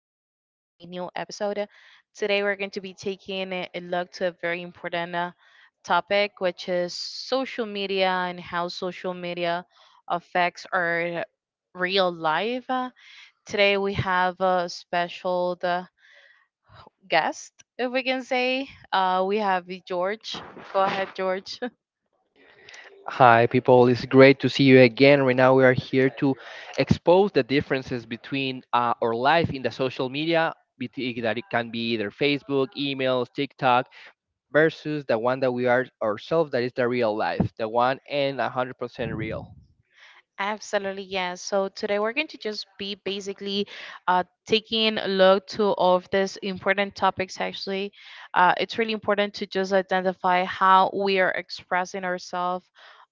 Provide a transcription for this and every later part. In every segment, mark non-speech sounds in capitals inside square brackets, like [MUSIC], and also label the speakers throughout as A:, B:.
A: a new episode. Today, we're going to be taking a look to a very important topic, which is social media and how social media affects our real life. Today, we have a special the guest, if we can say. We have George. Go ahead, George.
B: Hi, people. It's great to see you again. Right now, we are here to expose the differences between our life in the social media, that it can be either Facebook, emails, TikTok, versus the one that we are ourselves, that is the real life, the one and 100% real.
A: Absolutely, yes. So today we're going to just be basically taking a look to all of these important topics. Actually, it's really important to just identify how we are expressing ourselves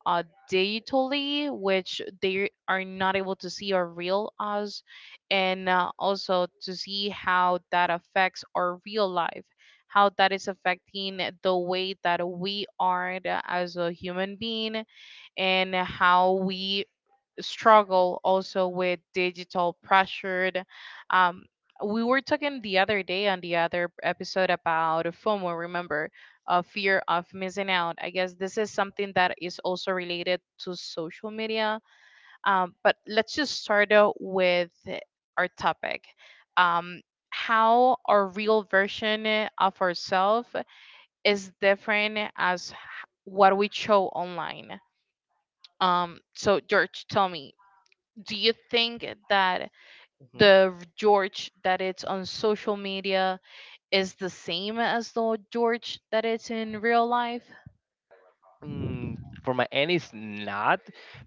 A: uh, digitally, which they are not able to see our real us, and also to see how that affects our real life, how that is affecting the way that we are as a human being and how we struggle also with digital pressure. Um, we were talking the other day on the other episode about FOMO, remember, fear of missing out. I guess this is something that is also related to social media. But let's just start out with our topic. Um, how our real version of ourselves is different as what we show online. So George, tell me, do you think that
B: Hmm.
A: the George that it's on social media is the same as the George that it's in real life?
B: Mm, for my end, it's not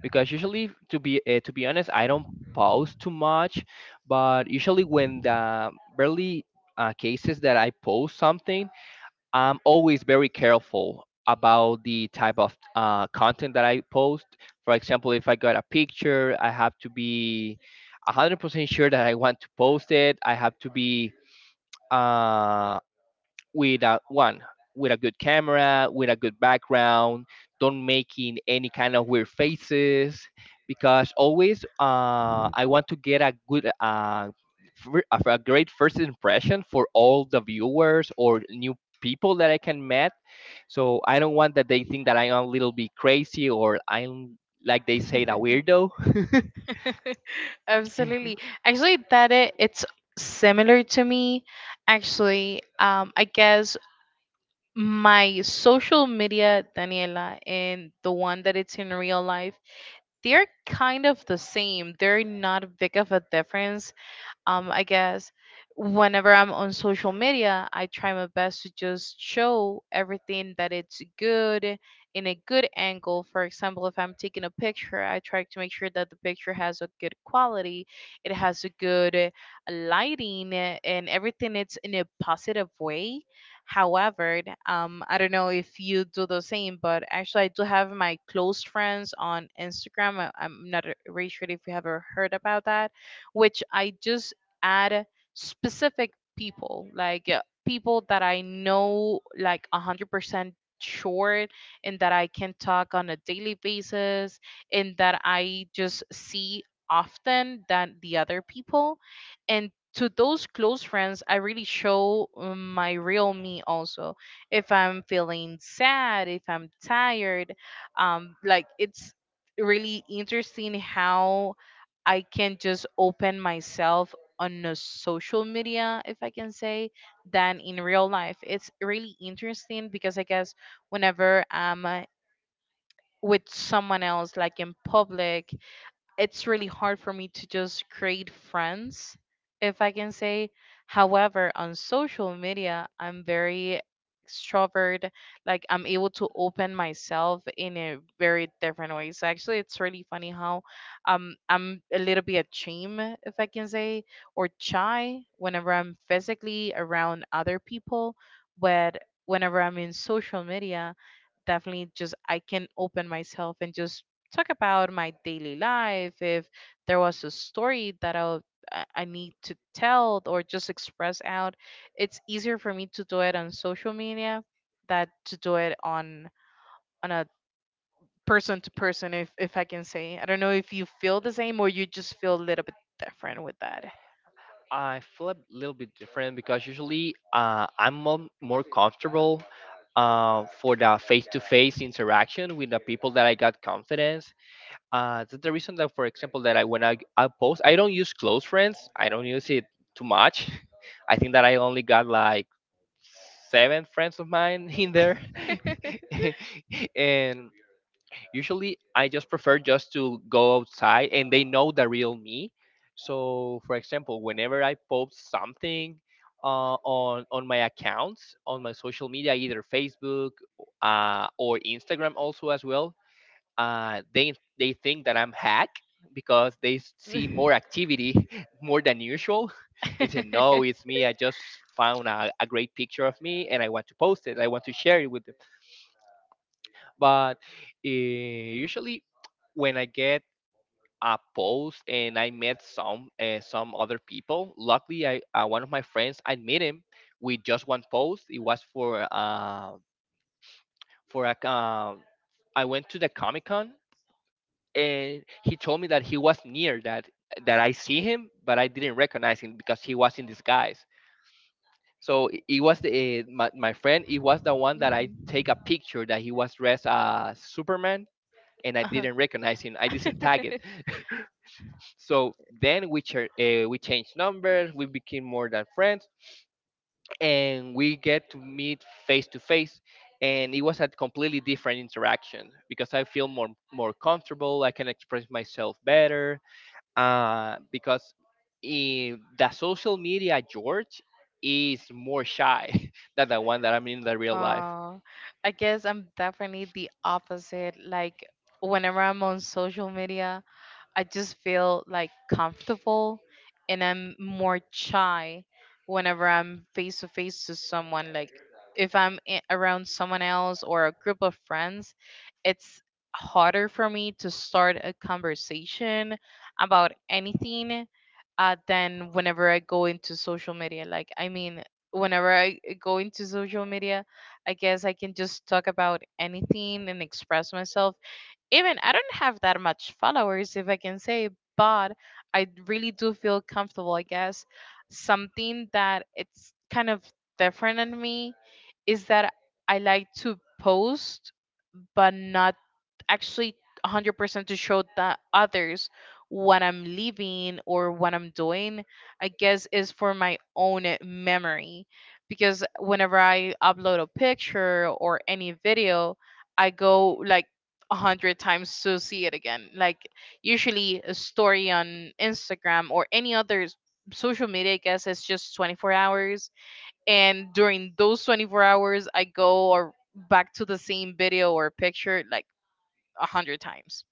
B: because usually, to be honest, I don't post too much. But usually, when the barely cases that I post something, I'm always very careful about the type of content that I post. For example, if I got a picture, I have to be 100% sure that I want to post it. I have to be uh, with a one with a good camera, with a good background, don't making any kind of weird faces because always I want to get a good a great first impression for all the viewers or new people that I can met. So I don't want that they think that I'm a little bit crazy or I'm like they say a weirdo. [LAUGHS]
A: [LAUGHS] Absolutely. Actually, that it's similar to me. Actually, I guess my social media, Daniela, and the one that it's in real life, they're kind of the same. They're not big of a difference. I guess whenever I'm on social media, I try my best to just show everything that it's good in a good angle. For example, if I'm taking a picture, I try to make sure that the picture has a good quality, it has a good lighting, and everything it's in a positive way. However, I don't know if you do the same, but actually, I do have my close friends on Instagram. I'm not really sure if you ever heard about that, which I just add specific people, like people that I know like 100% sure and that I can talk on a daily basis and that I just see often than the other people. And to those close friends, I really show, my real me also. If I'm feeling sad, if I'm tired, like it's really interesting how I can just open myself on a social media, if I can say, than in real life. It's really interesting because I guess whenever I'm with someone else, like in public, it's really hard for me to just create friends, if I can say. However, on social media, I'm very extrovert. Like I'm able to open myself in a very different way. So actually, it's really funny how I'm a little bit ashamed, if I can say, or shy whenever I'm physically around other people, but whenever I'm in social media, definitely just I can open myself and just talk about my daily life. If there was a story that I need to tell or just express out, it's easier for me to do it on social media than to do it on a person to person, if I can say. I don't know if you feel the same or you just feel a little bit different with that.
B: I feel a little bit different because usually I'm more comfortable for the face-to-face interaction with the people that I got confidence. That's the reason that, for example, that I when I post, I don't use close friends. I don't use it too much. [LAUGHS] I think that I only got like seven friends of mine [LAUGHS] in there, [LAUGHS] and usually, I just prefer just to go outside and they know the real me. So, for example, whenever I post something on my accounts on my social media, either Facebook or Instagram, also as well, uh, they they think that I'm hack because they see more
A: [LAUGHS]
B: activity [LAUGHS] more than usual. [LAUGHS] It's a no, it's me. I just found a great picture of me and I want to post it. I want to share it with them but usually, when I get a post and I met some other people, luckily, I one of my friends I met him with just one post. It was for a I went to the Comic Con and he told me that he was near that that I see him, but I didn't recognize him because he was in disguise. So it was the, my friend. It was the one that I
A: Mhm.
B: take a picture that he was dressed as Superman, and I
A: Uh-huh.
B: didn't recognize him. I didn't tag it.
A: [LAUGHS]
B: So then we we changed numbers. We became more than friends, and we get to meet face to face. And it was a completely different interaction because I feel more comfortable. I can express myself better because in the social media George is more shy [LAUGHS] than the one that I'm in the real life.
A: Wow. I guess I'm definitely the opposite. Like, whenever I'm on social media, I just feel like comfortable, and I'm more shy whenever I'm face to face to someone. Like, if I'm around someone else or a group of friends, it's harder for me to start a conversation about anything than whenever I go into social media. Like, I mean, whenever I go into social media, I guess I can just talk about anything and express myself. Even I don't have that much followers, if I can say, but I really do feel comfortable, I guess. Something that it's kind of different in me is that I like to post, but not actually 100% to show the others what I'm living or what I'm doing. I guess is for my own memory. Because whenever I upload a picture or any video, I go like 100 times to see it again. Like usually a story on Instagram or any other social media, I guess it's just 24 hours. And during those 24 hours, I go or back to the same video or picture like 100 times.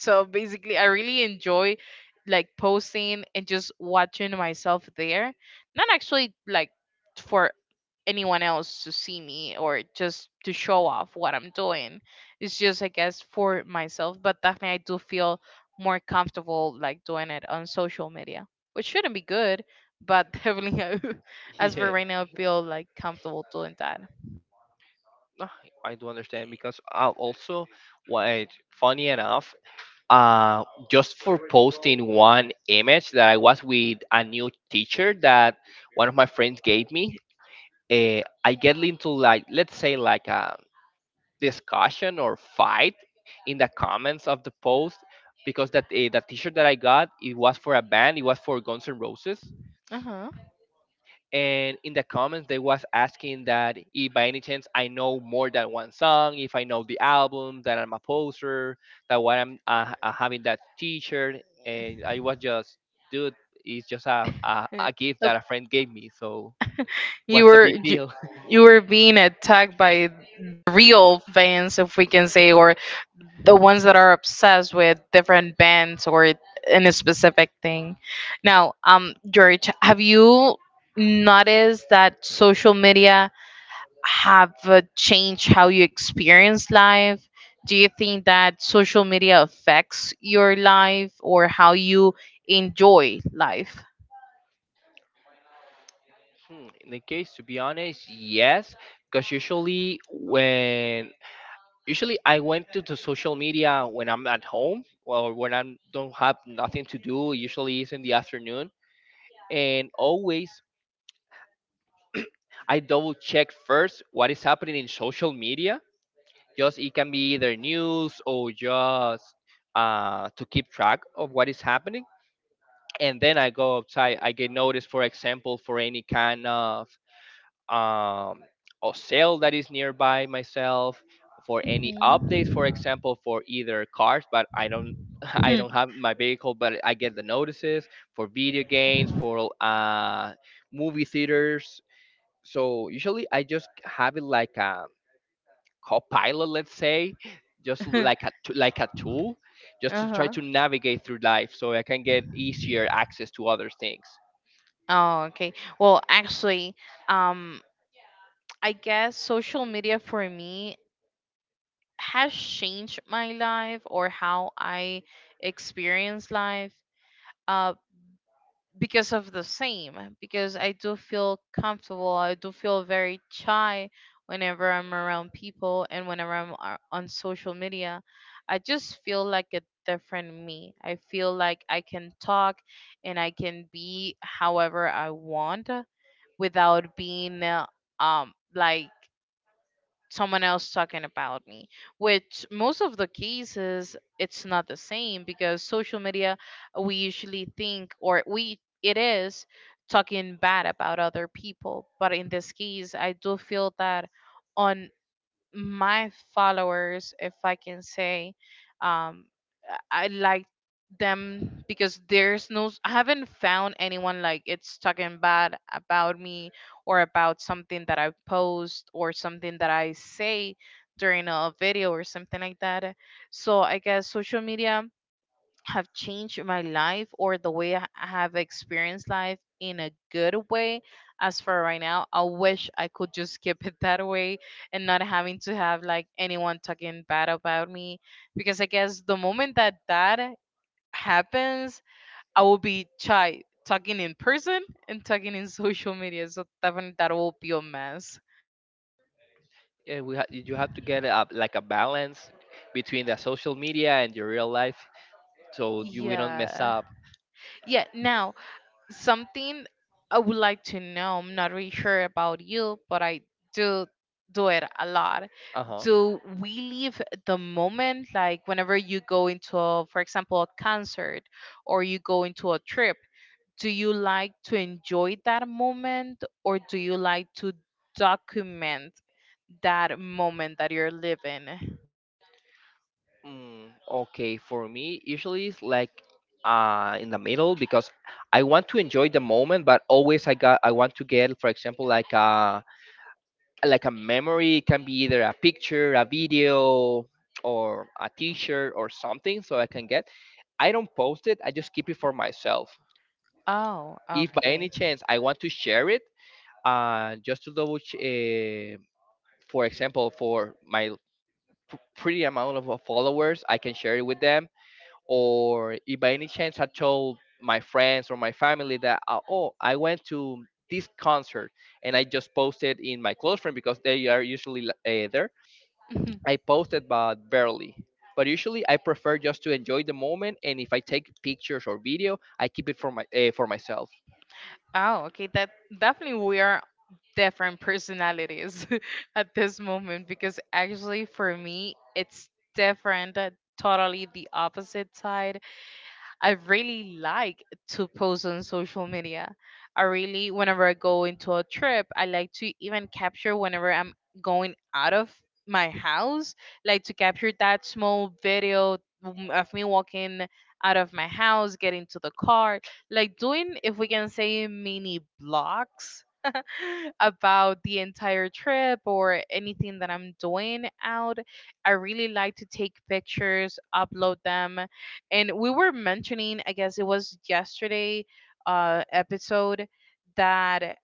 A: So basically, I really enjoy like posting and just watching myself there. Not actually like for anyone else to see me or just to show off what I'm doing. It's just, I guess, for myself. But definitely, I do feel more comfortable like doing it on social media, which shouldn't be good. But [LAUGHS] definitely,
B: [LAUGHS]
A: as for
B: Yeah,
A: right now, I feel like comfortable doing that.
B: no, I do understand because I also what funny enough uh, just for posting one image that I was with a new teacher that one of my friends gave me. I get into like let's say like a discussion or fight in the comments of the post because that the t-shirt that I got it was for a band, it was for Guns N' Roses,
A: Uh
B: and in the comments they was asking that if by any chance I know more than one song if I know the album that I'm a poster that why I'm having that t-shirt and I was just dude it's just a gift
A: huh.
B: that a friend gave me so
A: You
B: what's the
A: were
B: big
A: you,
B: deal. [LAUGHS]
A: you were being attacked by the real fans, if we can say, or the ones that are obsessed with different bands or in a specific thing. Now, George, have you noticed that social media have changed how you experience life? Do you think that social media affects your life or how you enjoy life?
B: Hmm, in the case to be honest yes because usually I went to the social media when I'm at home or when I don't have nothing to do usually it's in the afternoon and always I double check first what is happening in social media. Just it can be either news or just to keep track of what is happening. And then I go outside. I get notice, for example, for any kind of um, or sale that is nearby myself, for any updates,
A: Mhm.
B: for example, for either cars, but I don't. [LAUGHS] I
A: Hmm.
B: don't have my vehicle, but I get the notices for video games, for movie theaters, so usually I just have it like a copilot let's say just like
A: [LAUGHS]
B: like a tool just to try
A: Uh-huh.
B: to navigate through life so I can get easier access to other things.
A: Oh, okay. Well, actually, um, I guess social media for me has changed my life or how I experience life uh, because of the same. Because I do feel comfortable, I do feel very shy whenever I'm around people, and whenever I'm on social media, I just feel like a different me. I feel like I can talk and I can be however I want without being like someone else talking about me, which most of the cases it's not the same, because social media, we usually think, or we it is talking bad about other people. But in this case I do feel that on my followers, if I can say, um, I like them, because there's no, I haven't found anyone like it's talking bad about me or about something that I post or something that I say during a video or something like that. So I guess social media have changed my life or the way I have experienced life in a good way. As for right now, I wish I could just keep it that way and not having to have like anyone talking bad about me. Because I guess the moment that that happens, I will be shy talking in person and talking in [LAUGHS] social media. So definitely that will be a mess.
B: Yeah, you have to get a, like a balance between the social media and your real life so you we don't mess
A: Yeah.
B: up.
A: Yeah. Now, something I would like to know. I'm not really sure about you, but I do do it a lot.
B: Uh-huh.
A: Do we leave the moment, like whenever you go into, a, for example, a concert or you go into a trip? Do you like to enjoy that moment or do you like to document that moment that you're living?
B: Mm, okay, for me, usually it's like in the middle because I want to enjoy the moment, but always I want to get, for example, like a. Like a memory it can be either a picture a video or a t-shirt or something so I can get I don't post it I just keep it for myself
A: Oh,
B: if by any
A: okay.
B: chance I want to share it just to for example for my pretty amount of followers I can share it with them or if by any chance I told my friends or my family that oh I went to this concert and I just posted in my close friend because they are usually there.
A: [LAUGHS]
B: I posted, but barely. But usually, I prefer just to enjoy the moment, and if I take pictures or video, I keep it for my for myself.
A: Oh, okay. That definitely we are different personalities [LAUGHS] at this moment, because actually for me it's different, totally the opposite side. I really like to post on social media. I really, whenever I go into a trip, I like to even capture whenever I'm going out of my house, like to capture that small video, of me walking out of my house, getting to the car, like doing, if we can say, mini blogs, [LAUGHS] about the entire trip or anything that I'm doing out. I really like to take pictures, upload them, and we were mentioning, I guess it was yesterday episode, that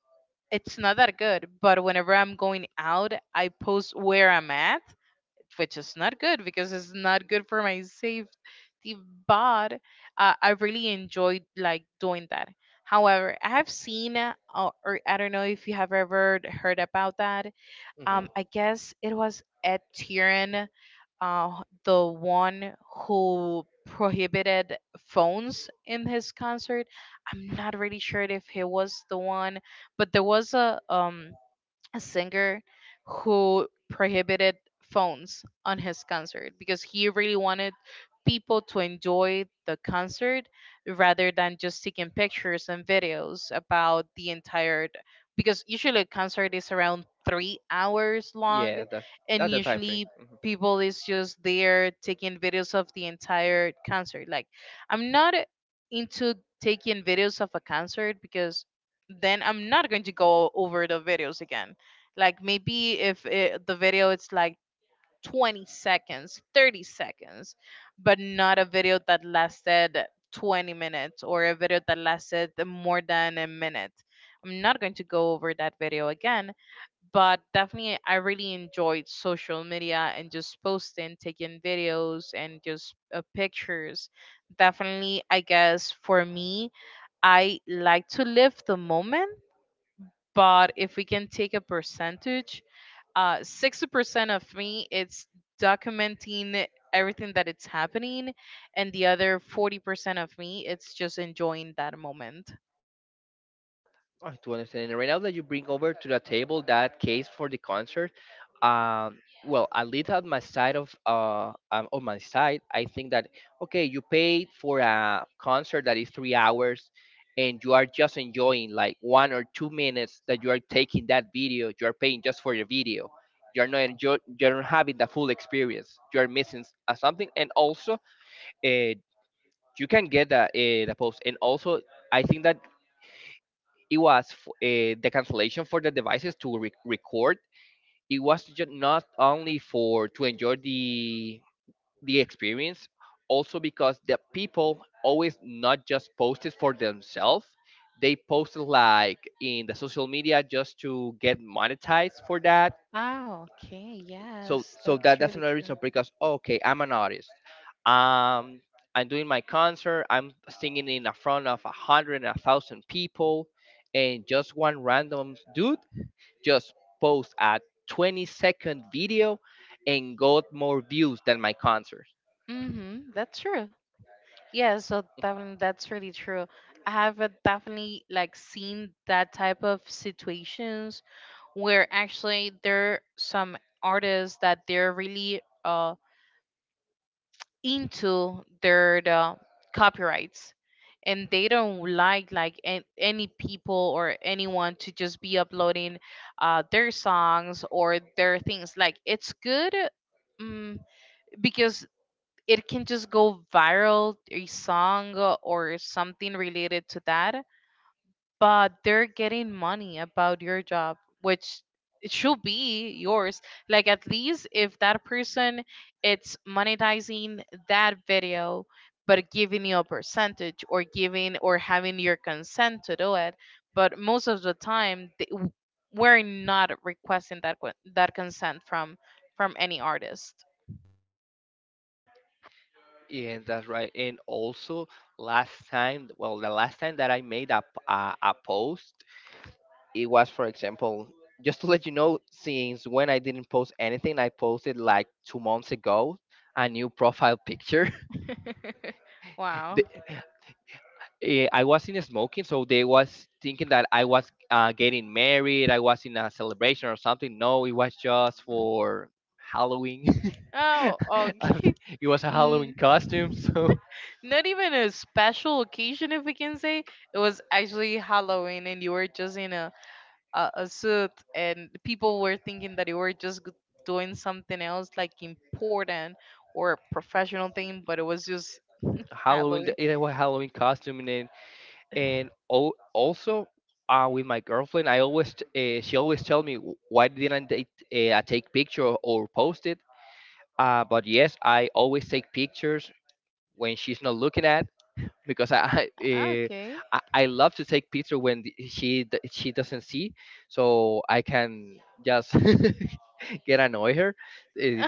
A: it's not that good, but whenever I'm going out I post where I'm at, which is not good because it's not good for my safety. But I really enjoyed like doing that. However, I have seen, or I don't know if you have ever heard about that,
B: Hmm.
A: I guess it was Ed Sheeran, the one who prohibited phones in his concert. I'm not really sure if he was the one, but there was a singer who prohibited phones on his concert because he really wanted people to enjoy the concert rather than just taking pictures and videos about the entire. Because usually a concert is around 3 hours long,
B: Yeah,
A: and
B: that's the time frame.
A: usually
B: Mm-hmm.
A: people is just there taking videos of the entire concert. Like I'm not into taking videos of a concert because then I'm not going to go over the videos again. Like maybe if the video it's like 20 seconds, 30 seconds, but not a video that lasted 20 minutes or a video that lasted more than a minute, I'm not going to go over that video again. But definitely I really enjoyed social media and just posting, taking videos and just pictures. Definitely I guess for me, I like to live the moment, but if we can take a percentage, 60% of me it's documenting everything that it's happening, and the other 40% of me it's just enjoying that moment.
B: I do understand. And right now that you bring over to the table that case for the concert, um, well, at least on my side of on my side, I think that okay, you paid for a concert that is 3 hours, and you are just enjoying like 1 or 2 minutes that you are taking that video. You are paying just for the video. You are not enjoy. You are not having the full experience. You are missing something, and also, uh, you can get the post. And also, I think that it was the cancellation for the devices to record. It was not only for to enjoy the experience, also because the people always not just posted for themselves. They posted like in the social media just to get monetized for that.
A: Ah, okay.
B: So
A: Yes,
B: that
A: that's
B: that's
A: really
B: another
A: true.
B: reason because okay, I'm an artist. Um, I'm doing my concert. I'm singing in the front of a hundred and a thousand people, and just one random dude just post a 20-second video and got more views than my concert.
A: Mm-hmm, that's true. Yeah, so definitely that's really true. I have, definitely like seen that type of situations where actually there are some artists that they're really into the copyrights, and they don't like any people or anyone to just be uploading their songs or their things. Like it's good, um, because it can just go viral a song or something related to that, but they're getting money about your job, which it should be yours. Like at least if that person it's monetizing that video, but giving you a percentage or giving or having your consent to do it. But most of the time we're not requesting that that consent from any artist.
B: Yeah, that's right. And also, last time, well, the last time that I made a post, it was, for example, just to let you know, since when I didn't post anything, I posted like 2 months ago a new profile picture.
A: [LAUGHS] Wow.
B: [LAUGHS] I wasn't smoking, so they was thinking that I was getting married, I was in a celebration or something. No, it was just for Halloween. [LAUGHS]
A: Oh, okay.
B: And it was
A: [LAUGHS]
B: a
A: N-
B: Halloween costume, so
A: Not even a special occasion, if we can say. It was actually Halloween, and you were just in a a suit, and people were thinking that you were just doing something else, like important or a professional thing, but it was just
B: [LAUGHS] Halloween.
A: Halloween.
B: It was Halloween costume, and then, and also with my girlfriend, I always she always tell me, Why didn't I, take picture or post it." But yes, I always take pictures when she's not looking at because I [LAUGHS]
A: Okay.
B: I love to take picture when she she doesn't see, so I can just [LAUGHS] get annoy her. It-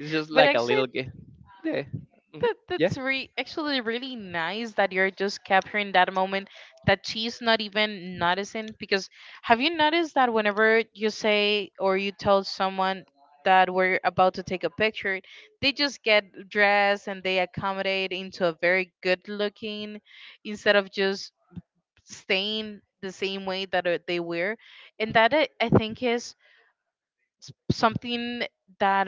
B: it's just
A: But
B: like a
A: actually,
B: little game. Yeah. Hmm.
A: that, that's actually really nice that you're just capturing that moment that she's not even noticing. Because have you noticed that whenever you say or you tell someone that we're about to take a picture, they just get dressed and they accommodate into a very good looking instead of just staying the same way that they were? And that I think is something that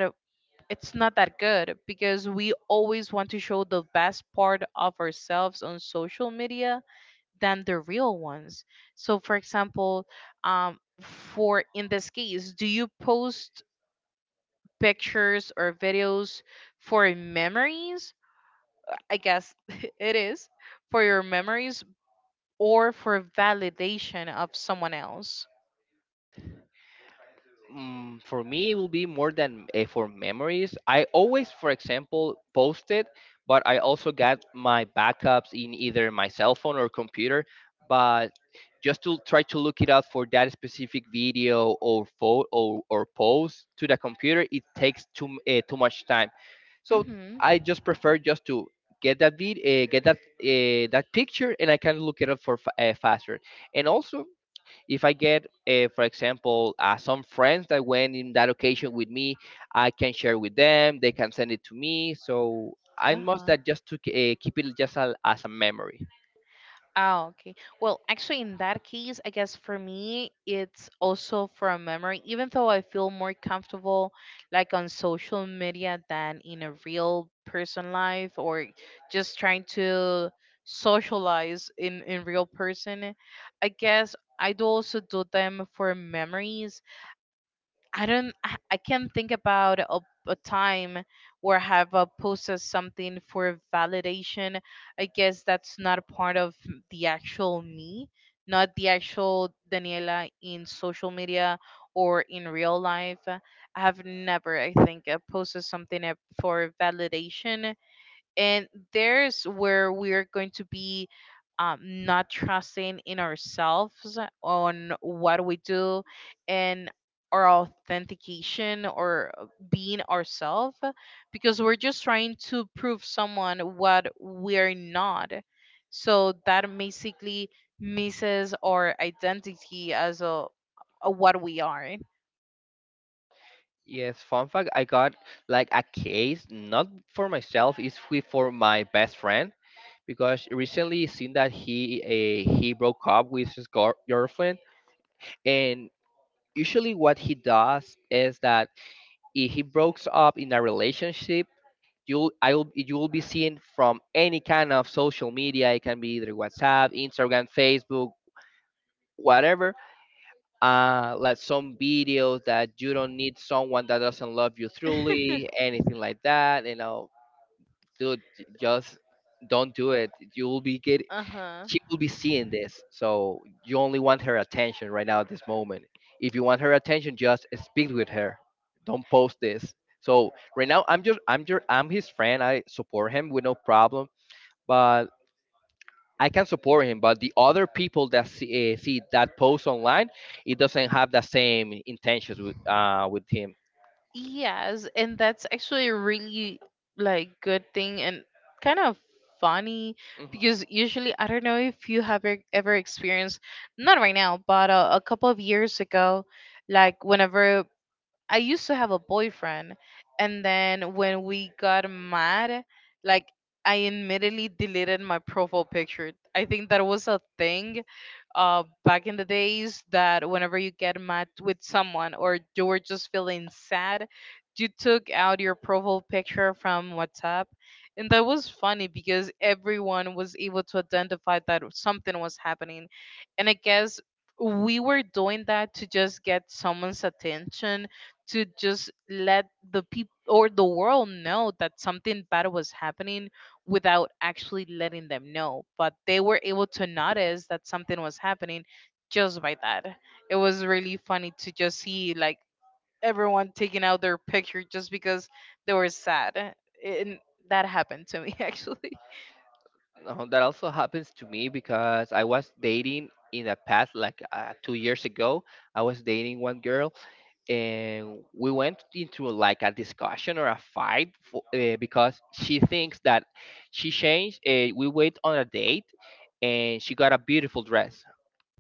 A: it's not that good because we always want to show the best part of ourselves on social media than the real ones. So, for example, for in this case, do you post pictures or videos for memories? I guess [LAUGHS] it is for your memories or for validation of someone else.
B: Mm, for me, it will be more than for memories. I always, for example, post it, but I also got my backups in either my cell phone or computer. But just to try to look it up for that specific video or photo or post to the computer, it takes too much time. So
A: Mm-hmm.
B: I just prefer just to get that get that that picture, and I can look it up for faster. And also, if I get, for example, some friends that went in that occasion with me, I can share with them. They can send it to me. So I must that just to keep it just as a memory.
A: Oh, okay. Well, actually, in that case, I guess for me, it's also from memory, even though I feel more comfortable like on social media than in a real person life, or just trying to socialize in real person. I guess I do also do them for memories. I don't. I can't think about a time where I have posted something for validation. I guess that's not part of the actual me, not the actual Daniela in social media or in real life. I have never, I think, posted something for validation, and there's where we're going to be not trusting in ourselves on what we do, and our authentication or being ourselves, because we're just trying to prove someone what we're not. So that basically misses our identity as a what we are.
B: Yes, fun fact, I got like a case not for myself, it's with for my best friend because recently seen that he broke up with his girlfriend and usually what he does is that if he breaks up in a relationship you will be seen from any kind of social media. It can be either WhatsApp, Instagram, Facebook, whatever. Like some videos that you don't need someone that doesn't love you truly,
A: [LAUGHS]
B: anything like that. Dude, just don't do it. You will be get
A: Uh-huh.
B: she will be seeing this, so you only want her attention right now at this moment. If you want her attention, just speak with her. Don't post this. So right now, I'm his friend. I support him with no problem, but I can support him. But the other people that see, see that post online, it doesn't have the same intentions with him.
A: Yes, and that's actually a really like good thing and kind of funny,
B: Mhm.
A: because usually I don't know if you have ever experienced, not right now, but a couple of years ago, like whenever I used to have a boyfriend, and then when we got mad, like I immediately deleted my profile picture. I think that was a thing, back in the days, that whenever you get mad with someone or you were just feeling sad, you took out your profile picture from WhatsApp. And that was funny because everyone was able to identify that something was happening. And I guess we were doing that to just get someone's attention, to just let the people or the world know that something bad was happening without actually letting them know. But they were able to notice that something was happening just by that. It was really funny to just see like everyone taking out their picture just because they were sad. And that happened to me [LAUGHS] actually.
B: That also happens to me because I was dating in the past, like 2 years ago. I was dating one girl, and we went into like a discussion or a fight for, because she thinks that she changed. We went on a date, and she got a beautiful dress,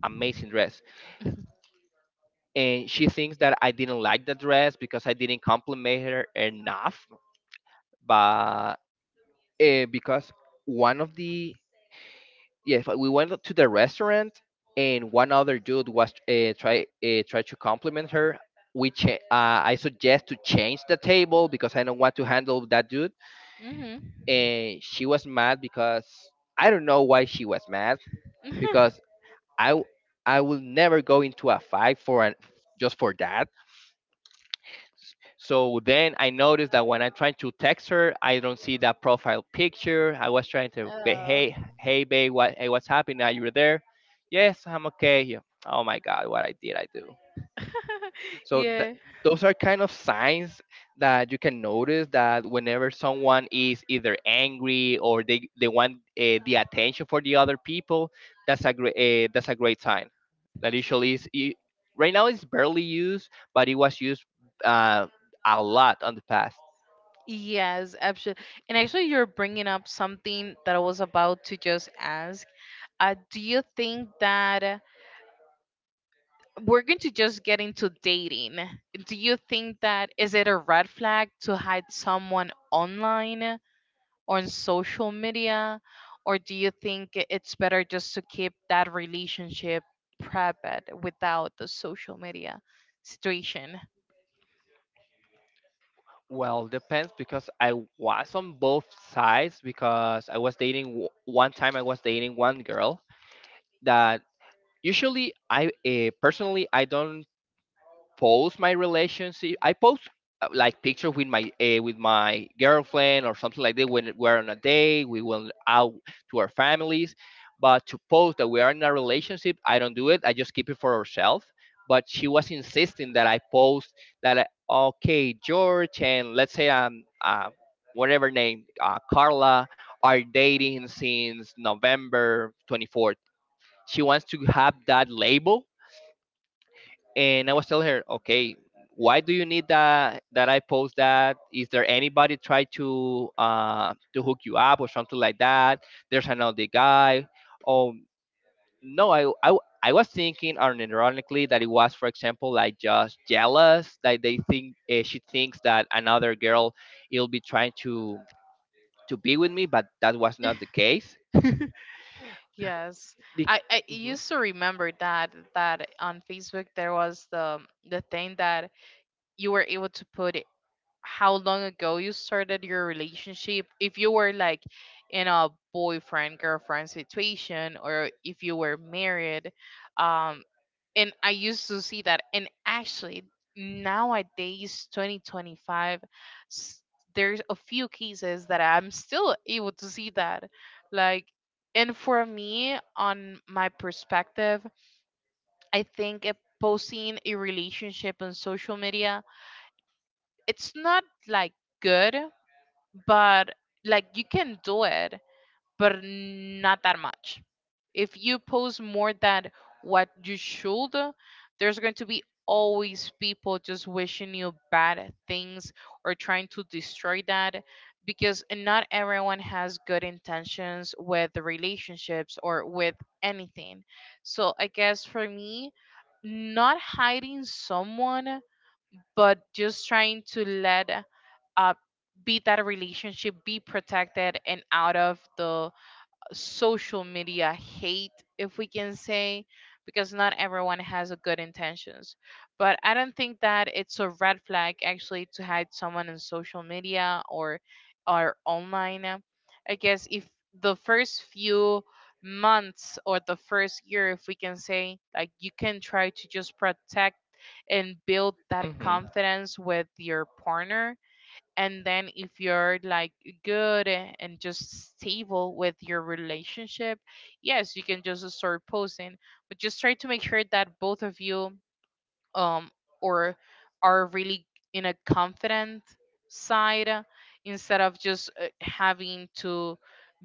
B: amazing dress,
A: [LAUGHS]
B: and she thinks that I didn't like the dress because I didn't compliment her enough. But because one of the yeah, but we went to the restaurant, and one other dude was try to compliment her. I suggest to change the table because I don't want to handle that dude.
A: Hmm.
B: And she was mad because I don't know why she was mad because
A: [LAUGHS]
B: I w- I will never go into a fight for an just for that. So then I noticed that when I try to text her, I don't see that profile picture. I was trying to,
A: Oh.
B: hey, hey, babe, what, hey, what's happening? Are you there? Yes, I'm okay. Yeah. Oh my God, what I did I do?
A: [LAUGHS]
B: So that
A: Yeah.
B: those are kind of signs that you can notice that whenever someone is either angry or they want the attention for the other people, that's a great sign. That usually is I- Right now it's barely used, but it was used uh, a lot on the past.
A: Yes, absolutely. And actually, you're bringing up something that I was about to just ask. Do you think that we're going to just get into dating? Do you think that is it a red flag to hide someone online or on social media, or do you think it's better just to keep that relationship private without the social media situation?
B: Well, depends because I was on both sides because I was dating one time I was dating one girl that usually I personally I don't post my relationship. I post like pictures with my girlfriend or something like that when we're on a date. We went out to our families, but to post that we are in a relationship, I don't do it. I just keep it for ourselves. But she was insisting that I post that. I, okay, George and let's say whatever name Carla are dating since November 24th. She wants to have that label, and I was telling her, okay, why do you need that that I post that? Is there anybody try to hook you up or something like that? There's another guy. Oh no, I. I was thinking, unironically, that it was, for example, like just jealous, like they think she thinks that another girl will be trying to be with me, but that was not the case.
A: Yes,
B: Be-
A: I used to remember that on Facebook there was the thing that you were able to put how long ago you started your relationship, if you were like in a boyfriend girlfriend situation, or if you were married. um and I used to see that. And actually nowadays, 2025, s- there's a few cases that I'm still able to see that. Like, and for me on my perspective, I think, posting a relationship on social media it's not like good, but like you can do it, but not that much. If you post more than what you should, there's going to be always people just wishing you bad things or trying to destroy that, because not everyone has good intentions with the relationships or with anything. So I guess for me, not hiding someone, but just trying to let, uh, be that a relationship, be protected and out of the social media hate, if we can say, because not everyone has a good intentions. But I don't think that it's a red flag actually to hide someone on social media or online. I guess if the first few months or the first year, if we can say, like you can try to just protect and build that
B: hmm.
A: confidence with your partner, and then if you're like good and just stable with your relationship, yes, you can just start posting, but just try to make sure that both of you, um or, are really in a confident side, instead of just having to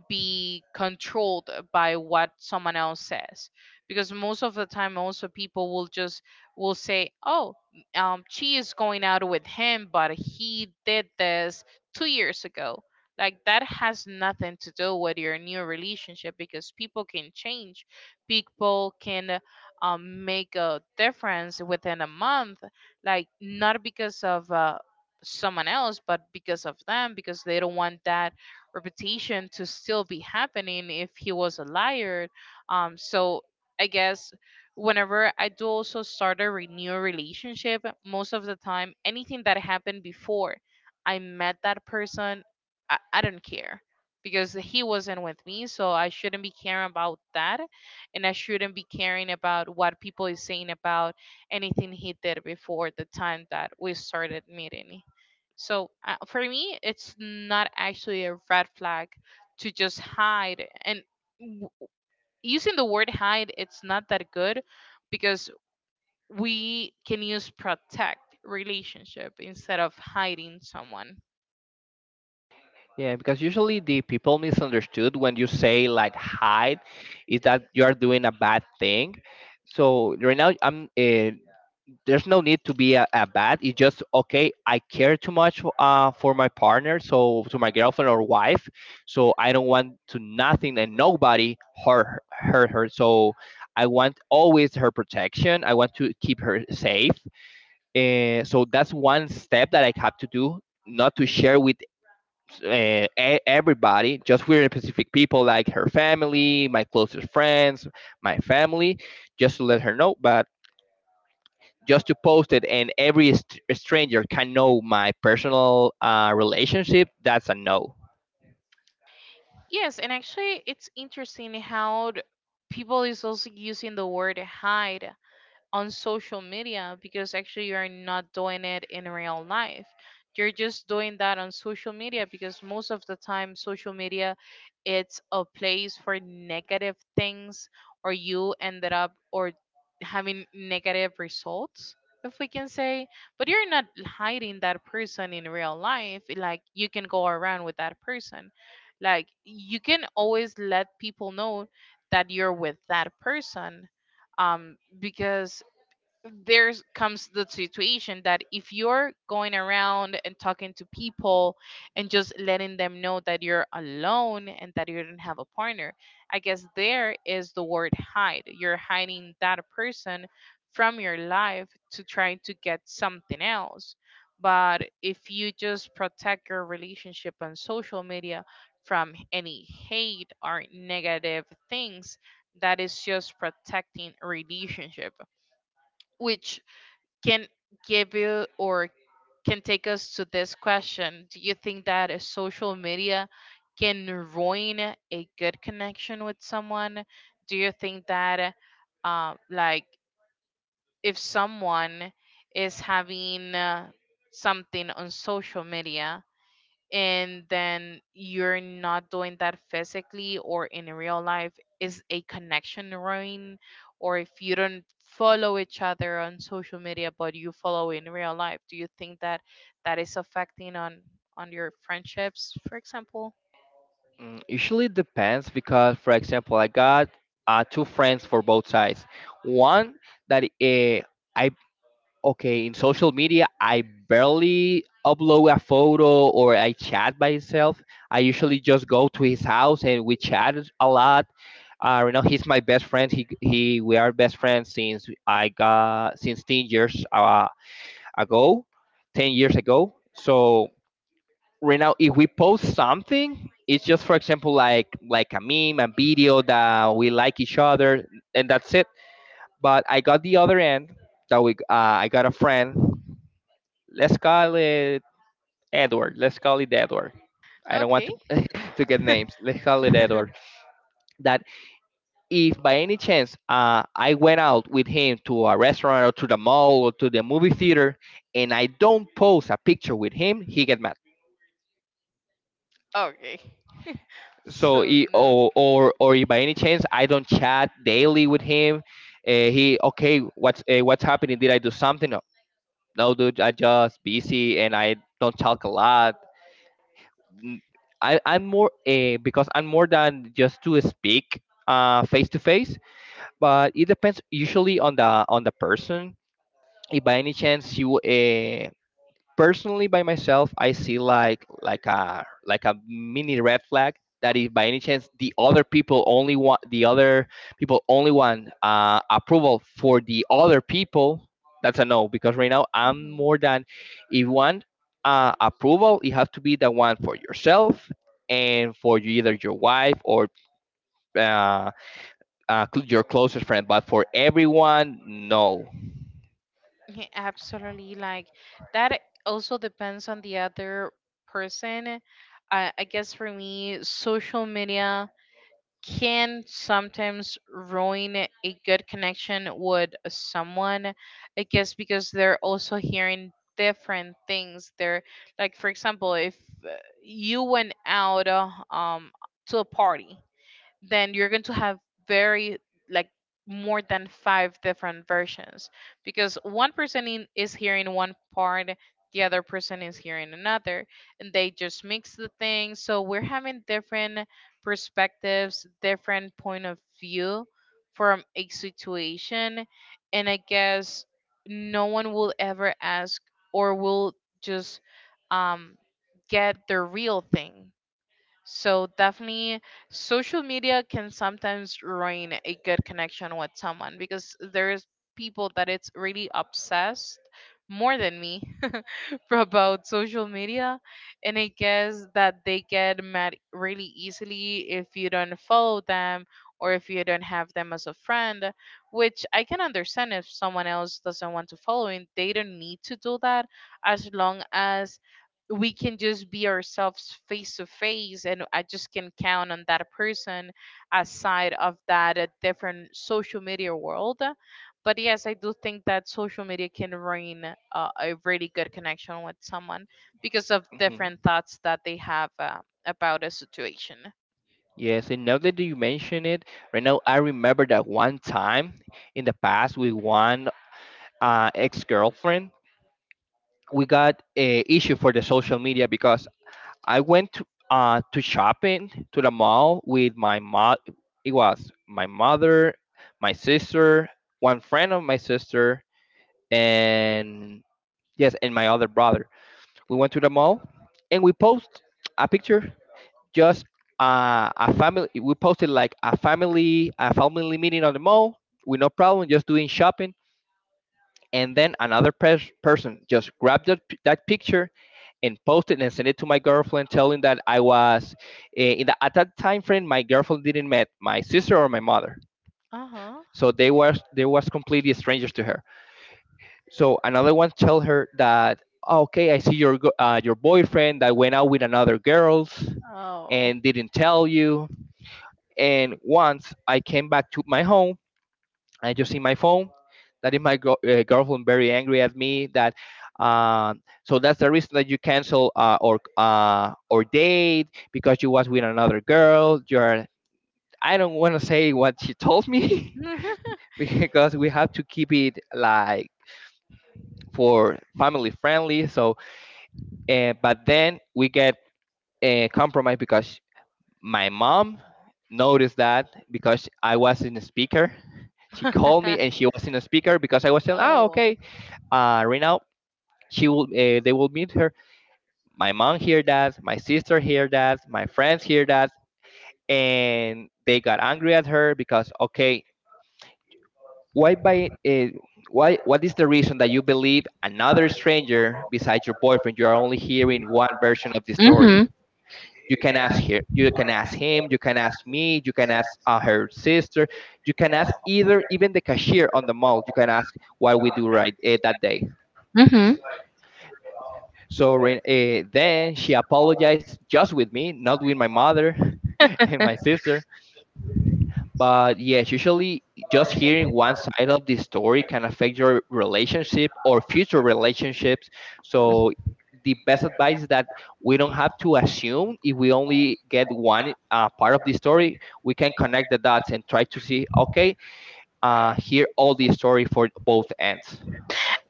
A: be controlled by what someone else says. Because most of the time also people will just will say, oh, she is going out with him, but he did this 2 years ago. Like that has nothing to do with your new relationship, because people can change, people can, make a difference within a month. Like not because of someone else, but because of them, because they don't want that reputation to still be happening if he was a liar. So I guess whenever I do also start a renew relationship, most of the time, anything that happened before I met that person, I don't care because he wasn't with me, so I shouldn't be caring about that. And I shouldn't be caring about what people is saying about anything he did before the time that we started meeting. So for me, it's not actually a red flag to just hide. And w- using the word hide, it's not that good, because we can use protect relationship instead of hiding someone.
B: Yeah, because usually the people misunderstood when you say like hide is that you are doing a bad thing. So right now I'm there's no need to be a bad. It's just okay. I care too much for my partner, so to my girlfriend or wife. So I don't want to nothing and nobody hurt her. So I want always her protection. I want to keep her safe. And so that's one step that I have to do. Not to share with everybody, just weird and specific people like her family, my closest friends, my family, just to let her know. But just to post it and every stranger can know my personal relationship, that's a no.
A: Yes, and actually, it's interesting how people is also using the word hide on social media, because actually you're not doing it in real life. You're just doing that on social media, because most of the time social media it's a place for negative things, or you ended up or having negative results, if we can say. But you're not hiding that person in real life. Like you can go around with that person, like you can always let people know that you're with that person, because there comes the situation that if you're going around and talking to people and just letting them know that you're alone and that you don't have a partner, I guess there is the word hide. You're hiding that person from your life to try to get something else. But if you just protect your relationship on social media from any hate or negative things, that is just protecting a relationship, which can give you, or can take us to this question. Do you think that a social media can ruin a good connection with someone? Do you think that, like, if someone is having something on social media, and then you're not doing that physically or in real life, is a connection ruined? Or if you don't follow each other on social media but you follow in real life, do you think that that is affecting on your friendships, for example?
B: Mm, usually it depends because, for example, I got two friends for both sides. One that I okay, in social media, I barely upload a photo or I chat by myself. I usually just go to his house and we chat a lot. You know, he's my best friend. We are best friends since I got since 10 years ago, 10 years ago. So right now, if we post something, it's just for example like a meme, a video that we like each other, and that's it. But I got the other end that we I got a friend. Let's call it Edward. Let's call it Edward. I don't want
A: Okay.
B: to [LAUGHS] to get names. Let's call it Edward.
A: [LAUGHS]
B: That if by any chance I went out with him to a restaurant or to the mall or to the movie theater, and I don't post a picture with him, he get mad.
A: Okay. [LAUGHS]
B: So
A: So
B: he,
A: no.
B: or if by any chance I don't chat daily with him, he okay what's happening? Did I do something? No, no, dude, I just busy and I don't talk a lot. M- I am more because I'm more than just to speak face to face, but it depends usually on the person. If by any chance you personally by myself I see like a mini red flag that if by any chance the other people only want approval for the other people, that's a no because right now I'm
A: Mhm.
B: more than if you want approval it have to be the one for yourself and for you, either your wife or uh, your closest friend, but for everyone no.
A: Yeah, absolutely, like that also depends on the other person. I guess for me social media can sometimes ruin a good connection with someone. I guess because they're also hearing different things. They're like, for example, if uh, you went out to a party, then you're going to have very, like, more than five different versions because one person is hearing one part, the other person is hearing another, and they just mix the things, so we're having different perspectives, different point of view from a situation. And I guess no one will ever ask or will just um, get the real thing. So definitely social media can sometimes ruin a good connection with someone because there's people that it's really obsessed more than me [LAUGHS] about social media. And I guess that they get mad really easily if you don't follow them or if you don't have them as a friend, which I can understand. If someone else doesn't want to follow, they don't need to do that, as long as we can just be ourselves face to face and I just can count on that person aside of that different social media world. But yes, I do think that social media can ruin a really good connection with someone because of
B: Mm-hmm.
A: different thoughts that they have about a situation.
B: Yes, and now that you mention it, right now I remember that one time in the past with one ex-girlfriend, we got a issue for the social media because I went to shopping to the mall with my mom. It was my mother, my sister, one friend of my sister, and yes, and my other brother. We went to the mall and we post a picture just a family. We posted like a family meeting on the mall with no problem, just doing shopping. And then another person just grabbed that, that picture and posted and sent it to my girlfriend, telling that I was in the, at that time frame. My girlfriend didn't met my sister or my mother,
A: Uh-huh.
B: so they was completely strangers to her. So another one tell her that, "Oh, okay, I see your your boyfriend that went out with another girls
A: Oh.
B: and didn't tell you." And once I came back to my home, I just see my phone. That is my girlfriend very angry at me. That so that's the reason that you cancel or date because you was with another girl. You're I don't want to say what she told me
A: [LAUGHS]
B: [LAUGHS] because we have to keep it like for family friendly. So, but then we get compromised because my mom noticed that because I was in the speaker. She called me and she was in the speaker because I was saying, "Ah,
A: Oh.
B: okay, right now she will, they will meet her." My mom hear that, my sister hear that, my friends hear that, and they got angry at her because, okay, why by, uh, why, what is the reason that you believe another stranger besides your boyfriend? You are only hearing one version of the
A: Mm-hmm.
B: story. You can ask her, you can ask him, you can ask me, you can ask her sister, you can ask either even the cashier on the mall. You can ask what we do right that day.
A: Mm-hmm.
B: So then she apologized just with me, not with my mother [LAUGHS] and my sister. But yes, usually just hearing one side of the story can affect your relationship or future relationships. So the best advice is that we don't have to assume if we only get one part of the story. We can connect the dots and try to see, okay, hear all the story for both ends.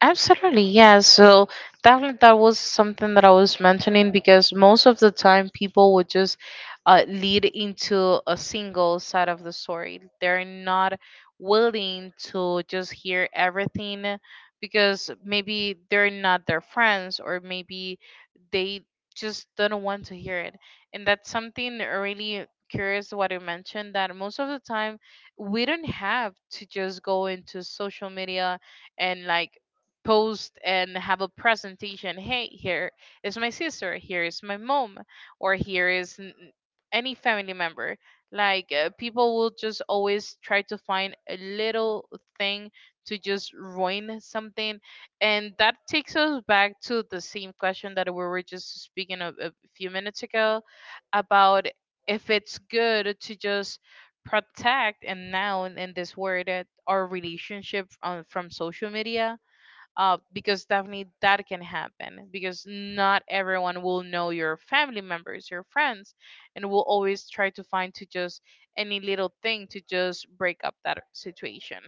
A: Absolutely, yeah. So definitely that was something that I was mentioning, because most of the time people would just lead into a single side of the story. They're not willing to just hear everything, because maybe they're not their friends, or maybe they just don't want to hear it. And that's something really curious what you mentioned, that most of the time we don't have to just go into social media and, like, post and have a presentation, hey, here is my sister, here is my mom, or here is any family member. Like, people will just always try to find a little thing to just ruin something. And that takes us back to the same question that we were just speaking of a few minutes ago about if it's good to just protect and, now in this word, our relationship from social media, because definitely that can happen, because not everyone will know your family members, your friends, and will always try to find to just any little thing to just break up that situation.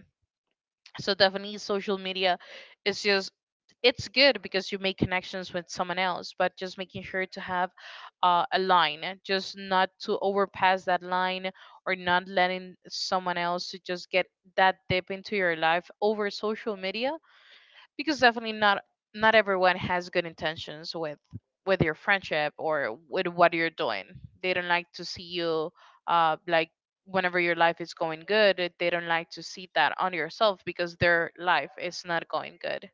A: So definitely social media is just, it's good because you make connections with someone else, but just making sure to have a line, just not to overpass that line or not letting someone else to just get that deep into your life over social media, because definitely not, not everyone has good intentions with your friendship or with what you're doing. They don't like to see you, like, whenever your life is going good, they don't like to see that on yourself because their life is not going good.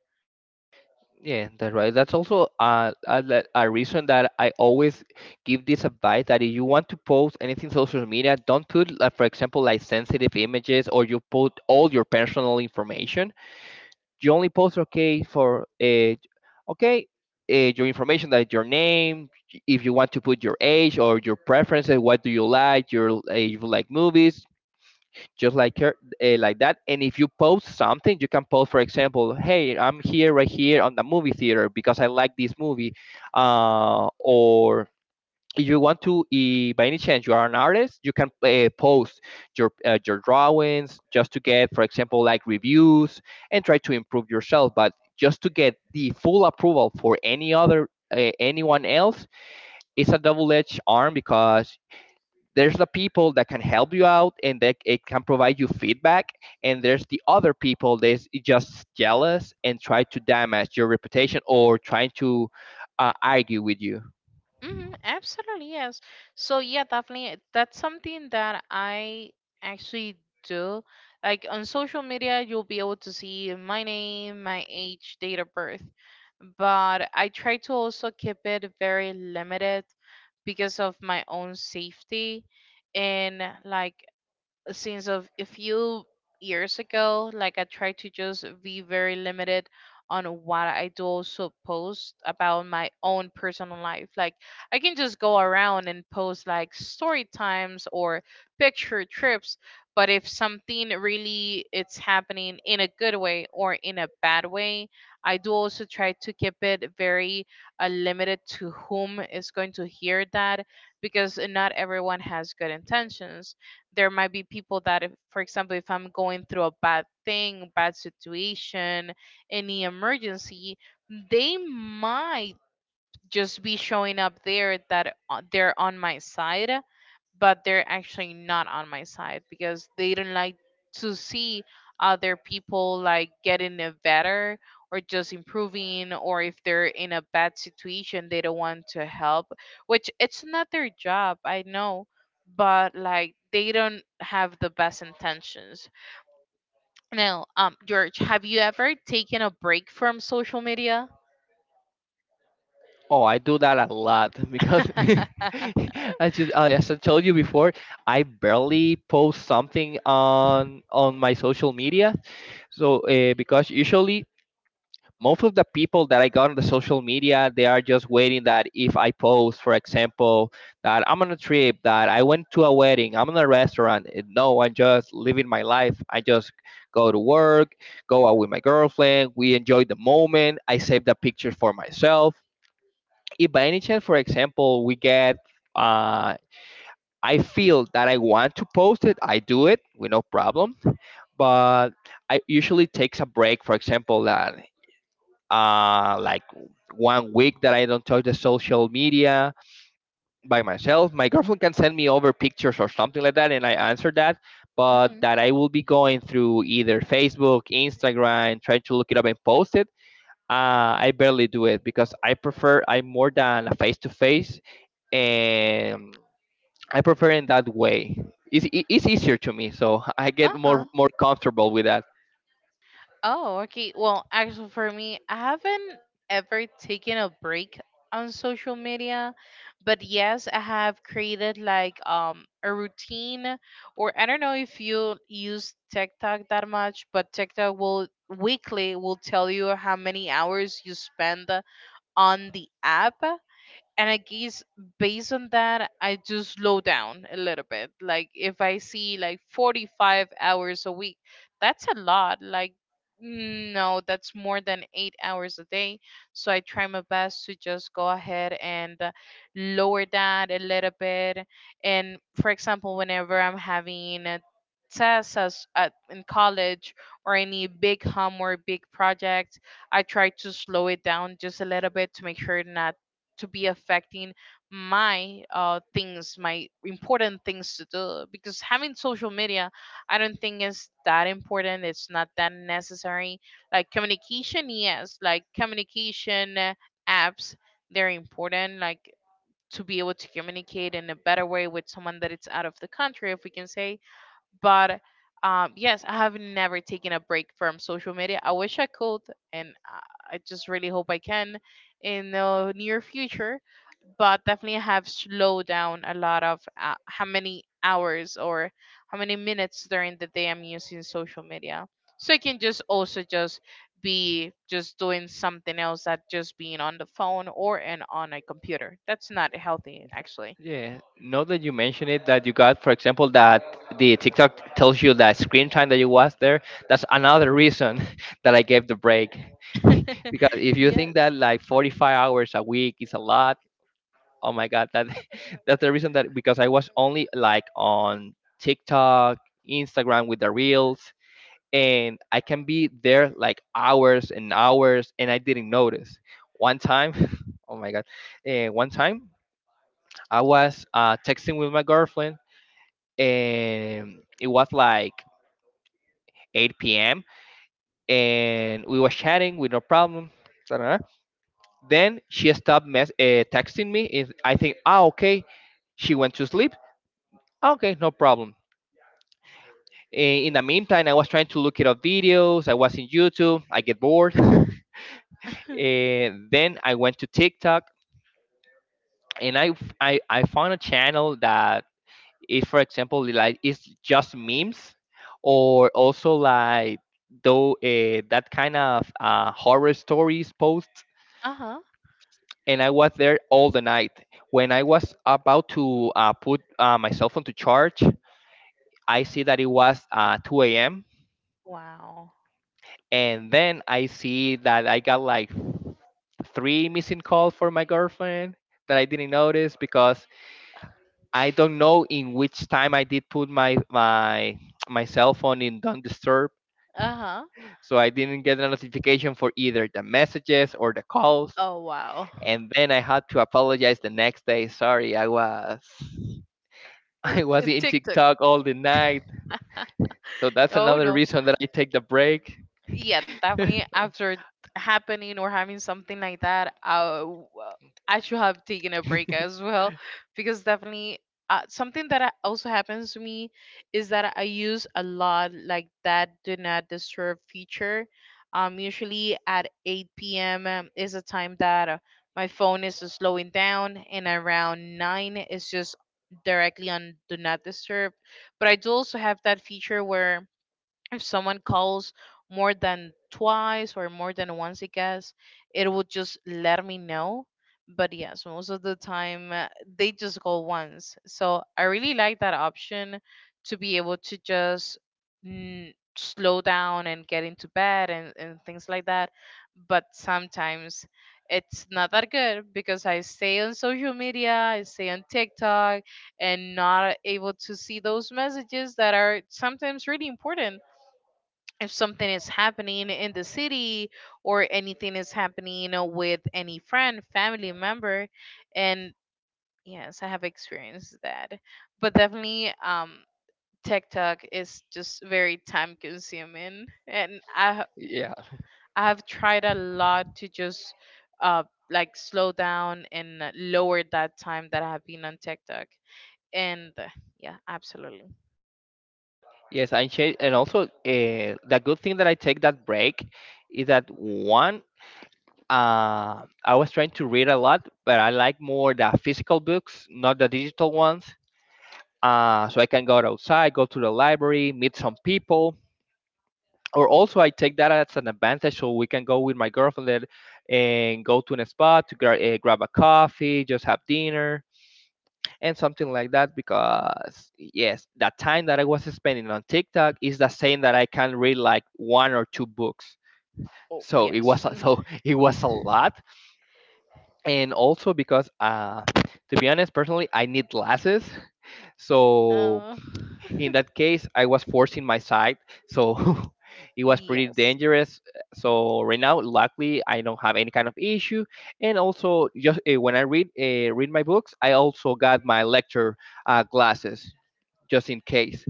B: Yeah, that's right. That's also a, le- a reason that I always give this advice that if you want to post anything social media, don't put, like, for example, like sensitive images or you put all your personal information. You only post okay for okay your information, that is your name, if you want to put your age or your preferences, what do you like, your if you like movies, just like her, like that. And if you post something, you can post, for example, "Hey, I'm here right here on the movie theater because I like this movie," or if you want to, by any chance you are an artist, you can post your drawings just to get, for example, like reviews and try to improve yourself. But just to get the full approval for anyone else, it's a double-edged arm because there's the people that can help you out and that it can provide you feedback, and there's the other people that's just jealous and try to damage your reputation or trying to argue with you.
A: Hmm. Absolutely, yes. So yeah, definitely that's something that I actually do. Like on social media, you'll be able to see my name, my age, date of birth. But I try to also keep it very limited because of my own safety and, like, since of a few years ago, like, I try to just be very limited on what I do also post about my own personal life. Like, I can just go around and post like story times or picture trips, but if something really it's happening in a good way or in a bad way, I do also try to keep it very limited to whom is going to hear that, because not everyone has good intentions. There might be people that if, for example, if I'm going through a bad situation, any emergency, they might just be showing up there that they're on my side, but they're actually not on my side because they don't like to see other people like getting it better or just improving, or if they're in a bad situation they don't want to help, which it's not their job, I know, but like they don't have the best intentions. Now, um, George, have you ever taken a break from social media?
B: Oh, I do that a lot [LAUGHS] because [LAUGHS]
A: [LAUGHS]
B: I just as I told you before, I barely post something on my social media. So because usually most of the people that I got on the social media, they are just waiting that if I post, for example, that I'm on a trip, that I went to a wedding, I'm in a restaurant. No, I'm just living my life. I just go to work, go out with my girlfriend. We enjoy the moment. I save the pictures for myself if by any chance, for example, uh, I feel that I want to post it, I do it with no problem. But I usually takes a break. For example, that like one week that I don't touch the social media by myself. My girlfriend can send me over pictures or something like that, and I answer that.
A: Hmm.
B: But that I will be going through either Facebook, Instagram, trying to look it up and post it. I barely do it because I prefer I'm more than a face to face, and I prefer in that way. It's easier to me, so [LAUGHS] I get
A: Uh-huh.
B: more comfortable with that.
A: Oh, okay. Well, actually, for me, I haven't ever taken a break on social media, but yes, I have created like a routine, or I don't know if you use TikTok that much, but TikTok will weekly will tell you how many hours you spend on the app. And I guess based on that, I do slow down a little bit. Like if I see like 45 hours a week, that's a lot. Like, no, that's more than 8 hours a day. So I try my best to just go ahead and lower that a little bit. And for example, whenever I'm having a test, in college, or any big homework, big project, I try to slow it down just a little bit to make sure not to be affecting my things, my important things to do. Because having social media, I don't think is that important. It's not that necessary. Like communication, yes, like communication apps, they're important. Like to be able to communicate in a better way with someone that it's out of the country, if we can say. But yes, I have never taken a break from social media. I wish I could, and I just really hope I can in the near future. But definitely, I have slowed down a lot of how many hours or how many minutes during the day I'm using social media, so I can just also just be just doing something else that just being on the phone or and on a computer. That's not healthy, actually.
B: Yeah. Now that you mention it, that you got, for example, that the TikTok tells you that screen time that you was there. That's another reason [LAUGHS] that I gave the break, [LAUGHS] because if
A: [LAUGHS]
B: you think
A: Yes.
B: that like 45 hours a week is a lot. Oh my god, that [LAUGHS] that's the reason that because I was only like on TikTok, Instagram with the reels, and I can be there like hours and hours, and I didn't notice. One time, [LAUGHS] oh my god, eh, one time I was texting with my girlfriend, and it was like 8 p.m. and we were chatting with no problem. Ta-da. Then she stopped texting me. Is I think, ah, okay, she went to sleep. "Ah, okay, no problem." In the meantime, I was trying to look it up videos. I was in YouTube. I get bored. [LAUGHS]
A: [LAUGHS]
B: And then I went to TikTok, and I, f- I found a channel that is, for example, like it's just memes or also like though that kind of horror stories posts.
A: Uh huh.
B: And I was there all the night. When I was about to put my cell phone to charge, I see that it was 2 a.m.
A: Wow.
B: And then I see that I got like three missing calls for my girlfriend that I didn't notice because I don't know in which time I did put my cell phone in don't disturb,
A: Uh-huh.
B: so I didn't get a notification for either the messages or the calls.
A: Oh, wow.
B: And then I had to apologize the next day. "Sorry, I was [LAUGHS] I was in
A: TikTok.
B: TikTok all the night," so that's
A: Oh,
B: another
A: no.
B: reason that I take the break.
A: Yeah, definitely
B: [LAUGHS]
A: after it happening or having something like that, I should have taken a break as well, because definitely something that also happens to me is that I use a lot like that do not disturb feature. Um, usually at 8 p.m., is a time that my phone is slowing down, and around 9 it's just directly on do not disturb. But I do also have that feature where if someone calls more than twice or more than once, I guess, it would just let me know. But yes, most of the time, they just call once, so I really like that option to be able to just, mm, slow down and get into bed and things like that. But sometimes it's not that good because I stay on social media, I stay on TikTok, and not able to see those messages that are sometimes really important if something is happening in the city or anything is happening, you know, with any friend, family member. And yes, I have experienced that. But definitely, tech talk is just very time consuming. And
B: Yeah.
A: I have tried a lot to just uh, like slow down and lower that time that I have been on tech talk. And yeah, absolutely.
B: Yes, I change, and also the good thing that I take that break is that one, I was trying to read a lot, but I like more the physical books, not the digital ones. So I can go outside, go to the library, meet some people, or also I take that as an advantage, so we can go with my girlfriend and go to a spot to grab a coffee, just have dinner, and something like that, because yes, that time that I was spending on TikTok is the same that I can read like one or two books.
A: Oh,
B: So it was
A: yes. [LAUGHS]
B: so [LAUGHS] it was a lot. And also because to be honest, personally, I need glasses. [LAUGHS] So
A: Uh,
B: in that case, I was forcing my sight, so [LAUGHS] it was pretty
A: [LAUGHS] yes.
B: dangerous. So right now, luckily, I don't have any kind of issue, and also just when I read, read my books, I also got my lecture glasses, just in case.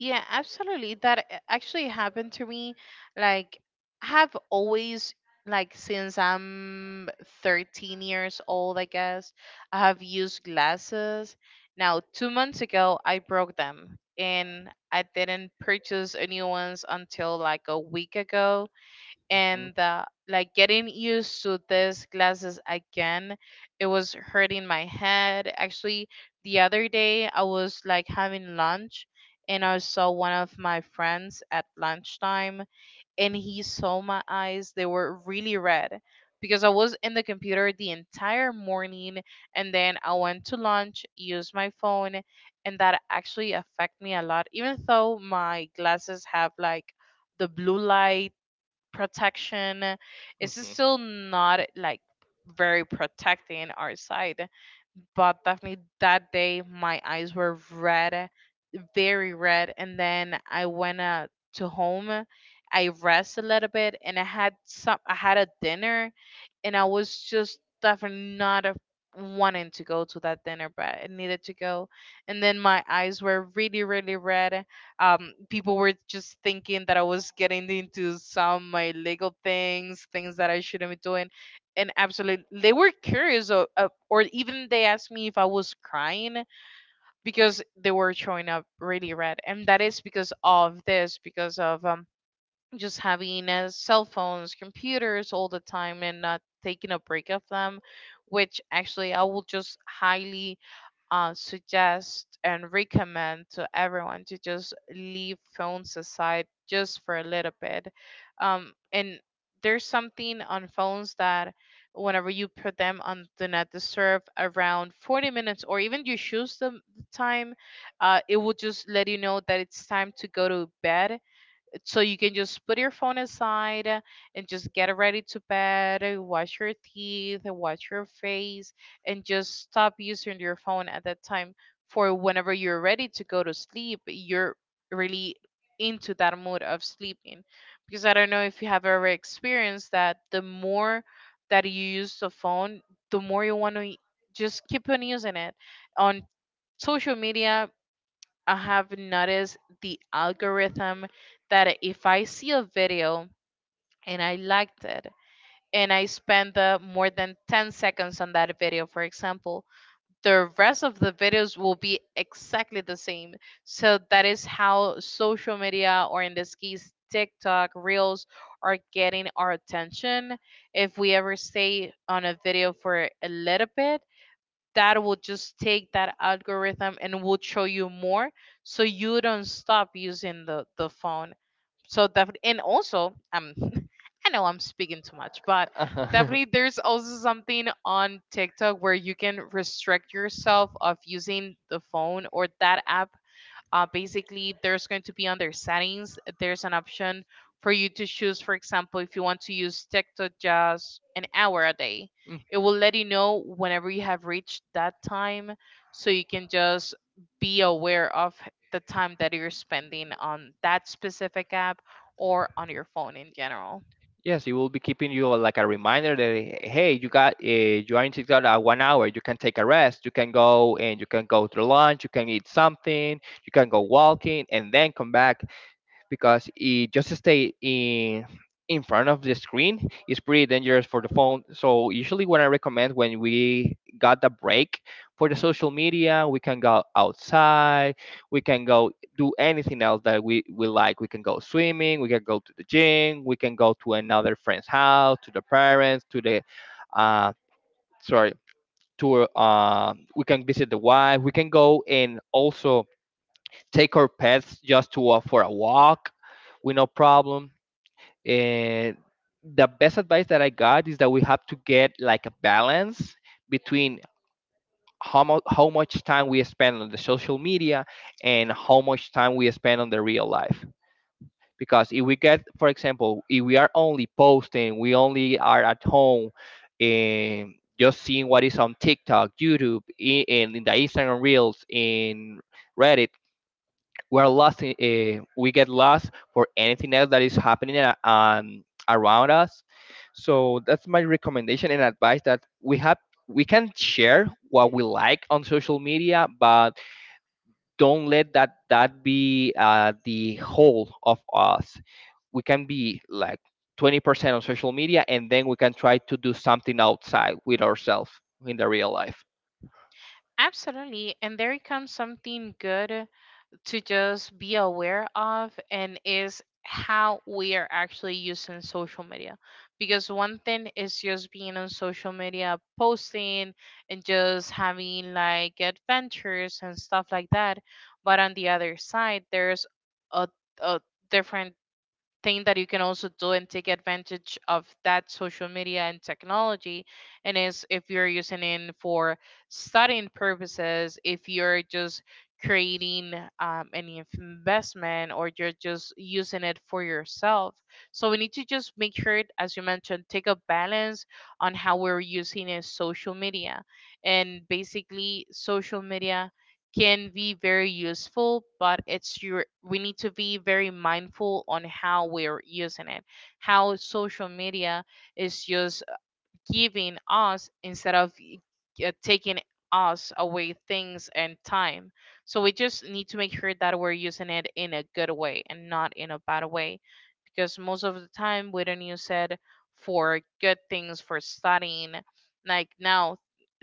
A: Yeah, absolutely. That actually happened to me. Like, have always like since I'm 13 years old, I guess, I have used glasses. Now, 2 months ago, I broke them, and I didn't purchase a new ones until like a week ago.
B: Mhm.
A: And like getting used to these glasses again, it was hurting my head actually. The other day I was like having lunch, and I saw one of my friends at lunchtime, and he saw my eyes, they were really red because I was in the computer the entire morning, and then I went to lunch, used my phone, and that actually affect me a lot. Even though my glasses have like the blue light protection, is
B: Mhm.
A: still not like very protecting our side. But definitely that day my eyes were red, very red. And then I went to home, I rest a little bit, and I had a dinner, and I was just definitely not wanting to go to that dinner, but I needed to go. And then my eyes were really really red. Um, people were just thinking that I was getting into some my legal things, things that I shouldn't be doing, and absolutely they were curious, or even they asked me if I was crying because they were showing up really red. And that is because of this, because of just having cell phones, computers all the time, and not taking a break of them, which actually I will just highly suggest and recommend to everyone to just leave phones aside just for a little bit. And there's something on phones that whenever you put them on do not disturb around 40 minutes, or even you choose the time, it will just let you know that it's time to go to bed, so you can just put your phone aside, and just get ready to bed, wash your teeth, wash your face, and just stop using your phone at that time, for whenever you're ready to go to sleep, you're really into that mood of sleeping. Because I don't know if you have ever experienced that the more that you use the phone, the more you want to just keep on using it on social media. I have noticed the algorithm that if I see a video and I liked it and I spend the more than 10 seconds on that video, for example, the rest of the videos will be exactly the same. So that is how social media, or in this case, TikTok, Reels, are getting our attention. If we ever stay on a video for a little bit, that will just take that algorithm and will show you more so you don't stop using the phone. So definitely, and also [LAUGHS] I know I'm speaking too much, but
B: Uh-huh.
A: definitely
B: [LAUGHS]
A: there's also something on TikTok where you can restrict yourself of using the phone or that app. Uh, basically, there's going to be under settings, there's an option for you to choose, for example, if you want to use TikTok just an hour a day.
B: Mm,
A: It will let you know whenever you have reached that time, so you can just be aware of the time that you're spending on that specific app or on your phone in general.
B: yes, it will be keeping you like a reminder that hey, you are in TikTok at one hour. You can take a rest. You can go and you can go to lunch. You can eat something. You can go walking and then come back. Because it just stay in front of the screen is pretty dangerous for the phone. So usually what I recommend when we got the break for the social media, we can go outside, we can go do anything else that we like. We can go swimming, we can go to the gym, we can go to another friend's house, to the parents, to the uh sorry, to we can visit the wife, we can go, and also take our pets just to walk for a walk with no problem. And the best advice that I got is that we have to get like a balance between how much time we spend on the social media and how much time we spend on the real life. Because if we get, for example, if we are only posting, we only are at home and just seeing what is on TikTok, YouTube, and in the Instagram Reels, in Reddit, we are lost. We get lost for anything else that is happening around us. So that's my recommendation and advice that we have. We can share what we like on social media, but don't let that be the whole of us. We can be like 20% on social media, and then we can try to do something outside with ourselves in the real life.
A: Absolutely. And there comes something good to just be aware of, and is how we are actually using social media, because one thing is just being on social media posting and just having like adventures and stuff like that, but on the other side there's a, a different thing that you can also do and take advantage of, that social media and technology, and is if you're using it for studying purposes, if you're just creating any investment, or you're just using it for yourself. So we need to just make sure, as you mentioned, take a balance on how we're using a social media. And basically social media can be very useful, but it's your we need to be very mindful on how we're using it. How social media is used, giving us instead of taking us away things and time. So we just need to make sure that we're using it in a good way and not in a bad way, because most of the time we don't use it for good things, for studying. Like now,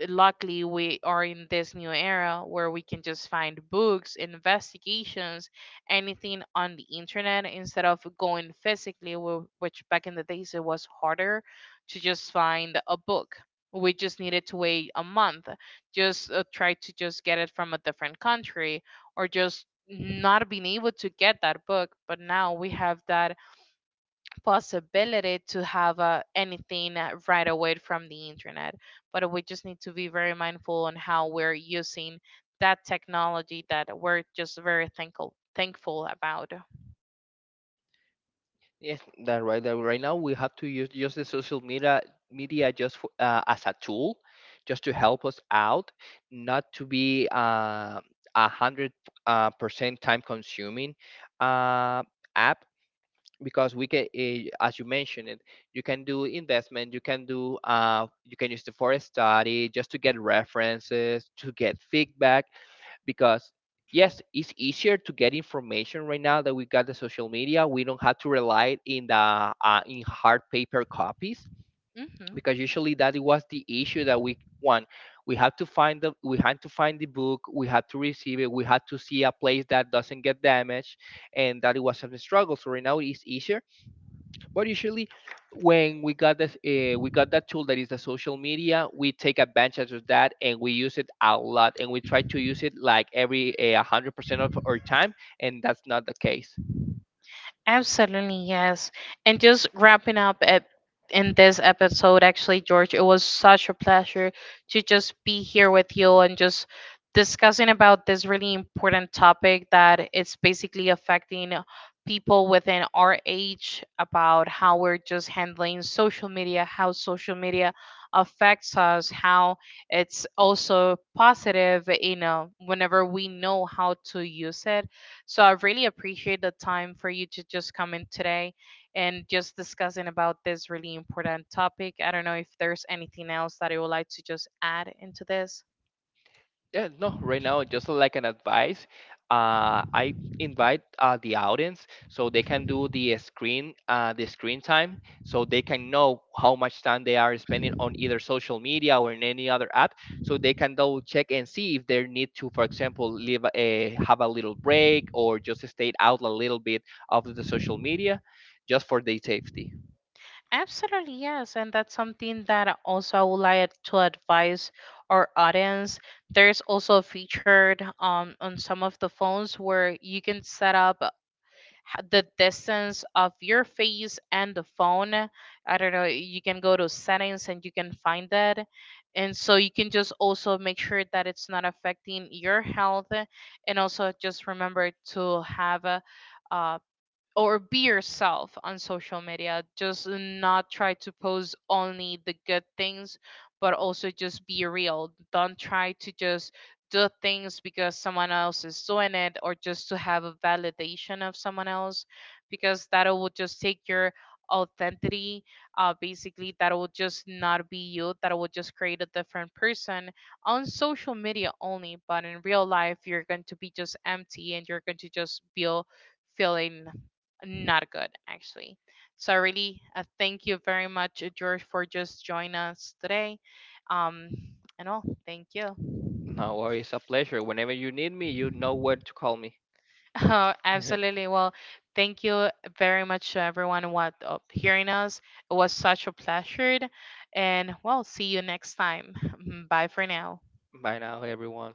A: luckily, we are in this new era where we can just find books, investigations, anything on the internet instead of going physically, which back in the days it was harder to just find a book. We just needed to wait a month, just try to just get it from a different country, or just not being able to get that book. But now we have that possibility to have anything right away from the internet. But we just need to be very mindful on how we're using that technology that we're just very thankful about.
B: Yes, that right. That right now we have to use just the social media just for, as a tool, just to help us out, not to be a hundred percent time consuming uh, app, because we can, as you mentioned it, you can do investment, you can use it for a study, just to get references, to get feedback, because yes, it's easier to get information right now that we got the social media, we don't have to rely in hard paper copies,
A: Hmm.
B: because usually that it was the issue that want we had to find the book, we had to receive it, we had to see a place that doesn't get damaged, and that it was a struggle. So right now it's easier, but usually, when we got that tool that is the social media. We take advantage of that and we use it a lot, and we try to use it like every 100% of our time, and that's not the case.
A: Absolutely, yes. And just wrapping up at in this episode, actually, George, it was such a pleasure to just be here with you and just discussing about this really important topic that it's basically affecting people within our age.
B: Yeah, no, right now, just like an advice, I invite the audience so they can do the screen time, so they can know how much time they are spending on either social media or in any other app, so they can double check and see if they need to, for example, have a little break or just stay out a little bit of the social media, just for their safety. No worries, a pleasure. Whenever you need me, you know where to call me. [LAUGHS] Bye now, everyone.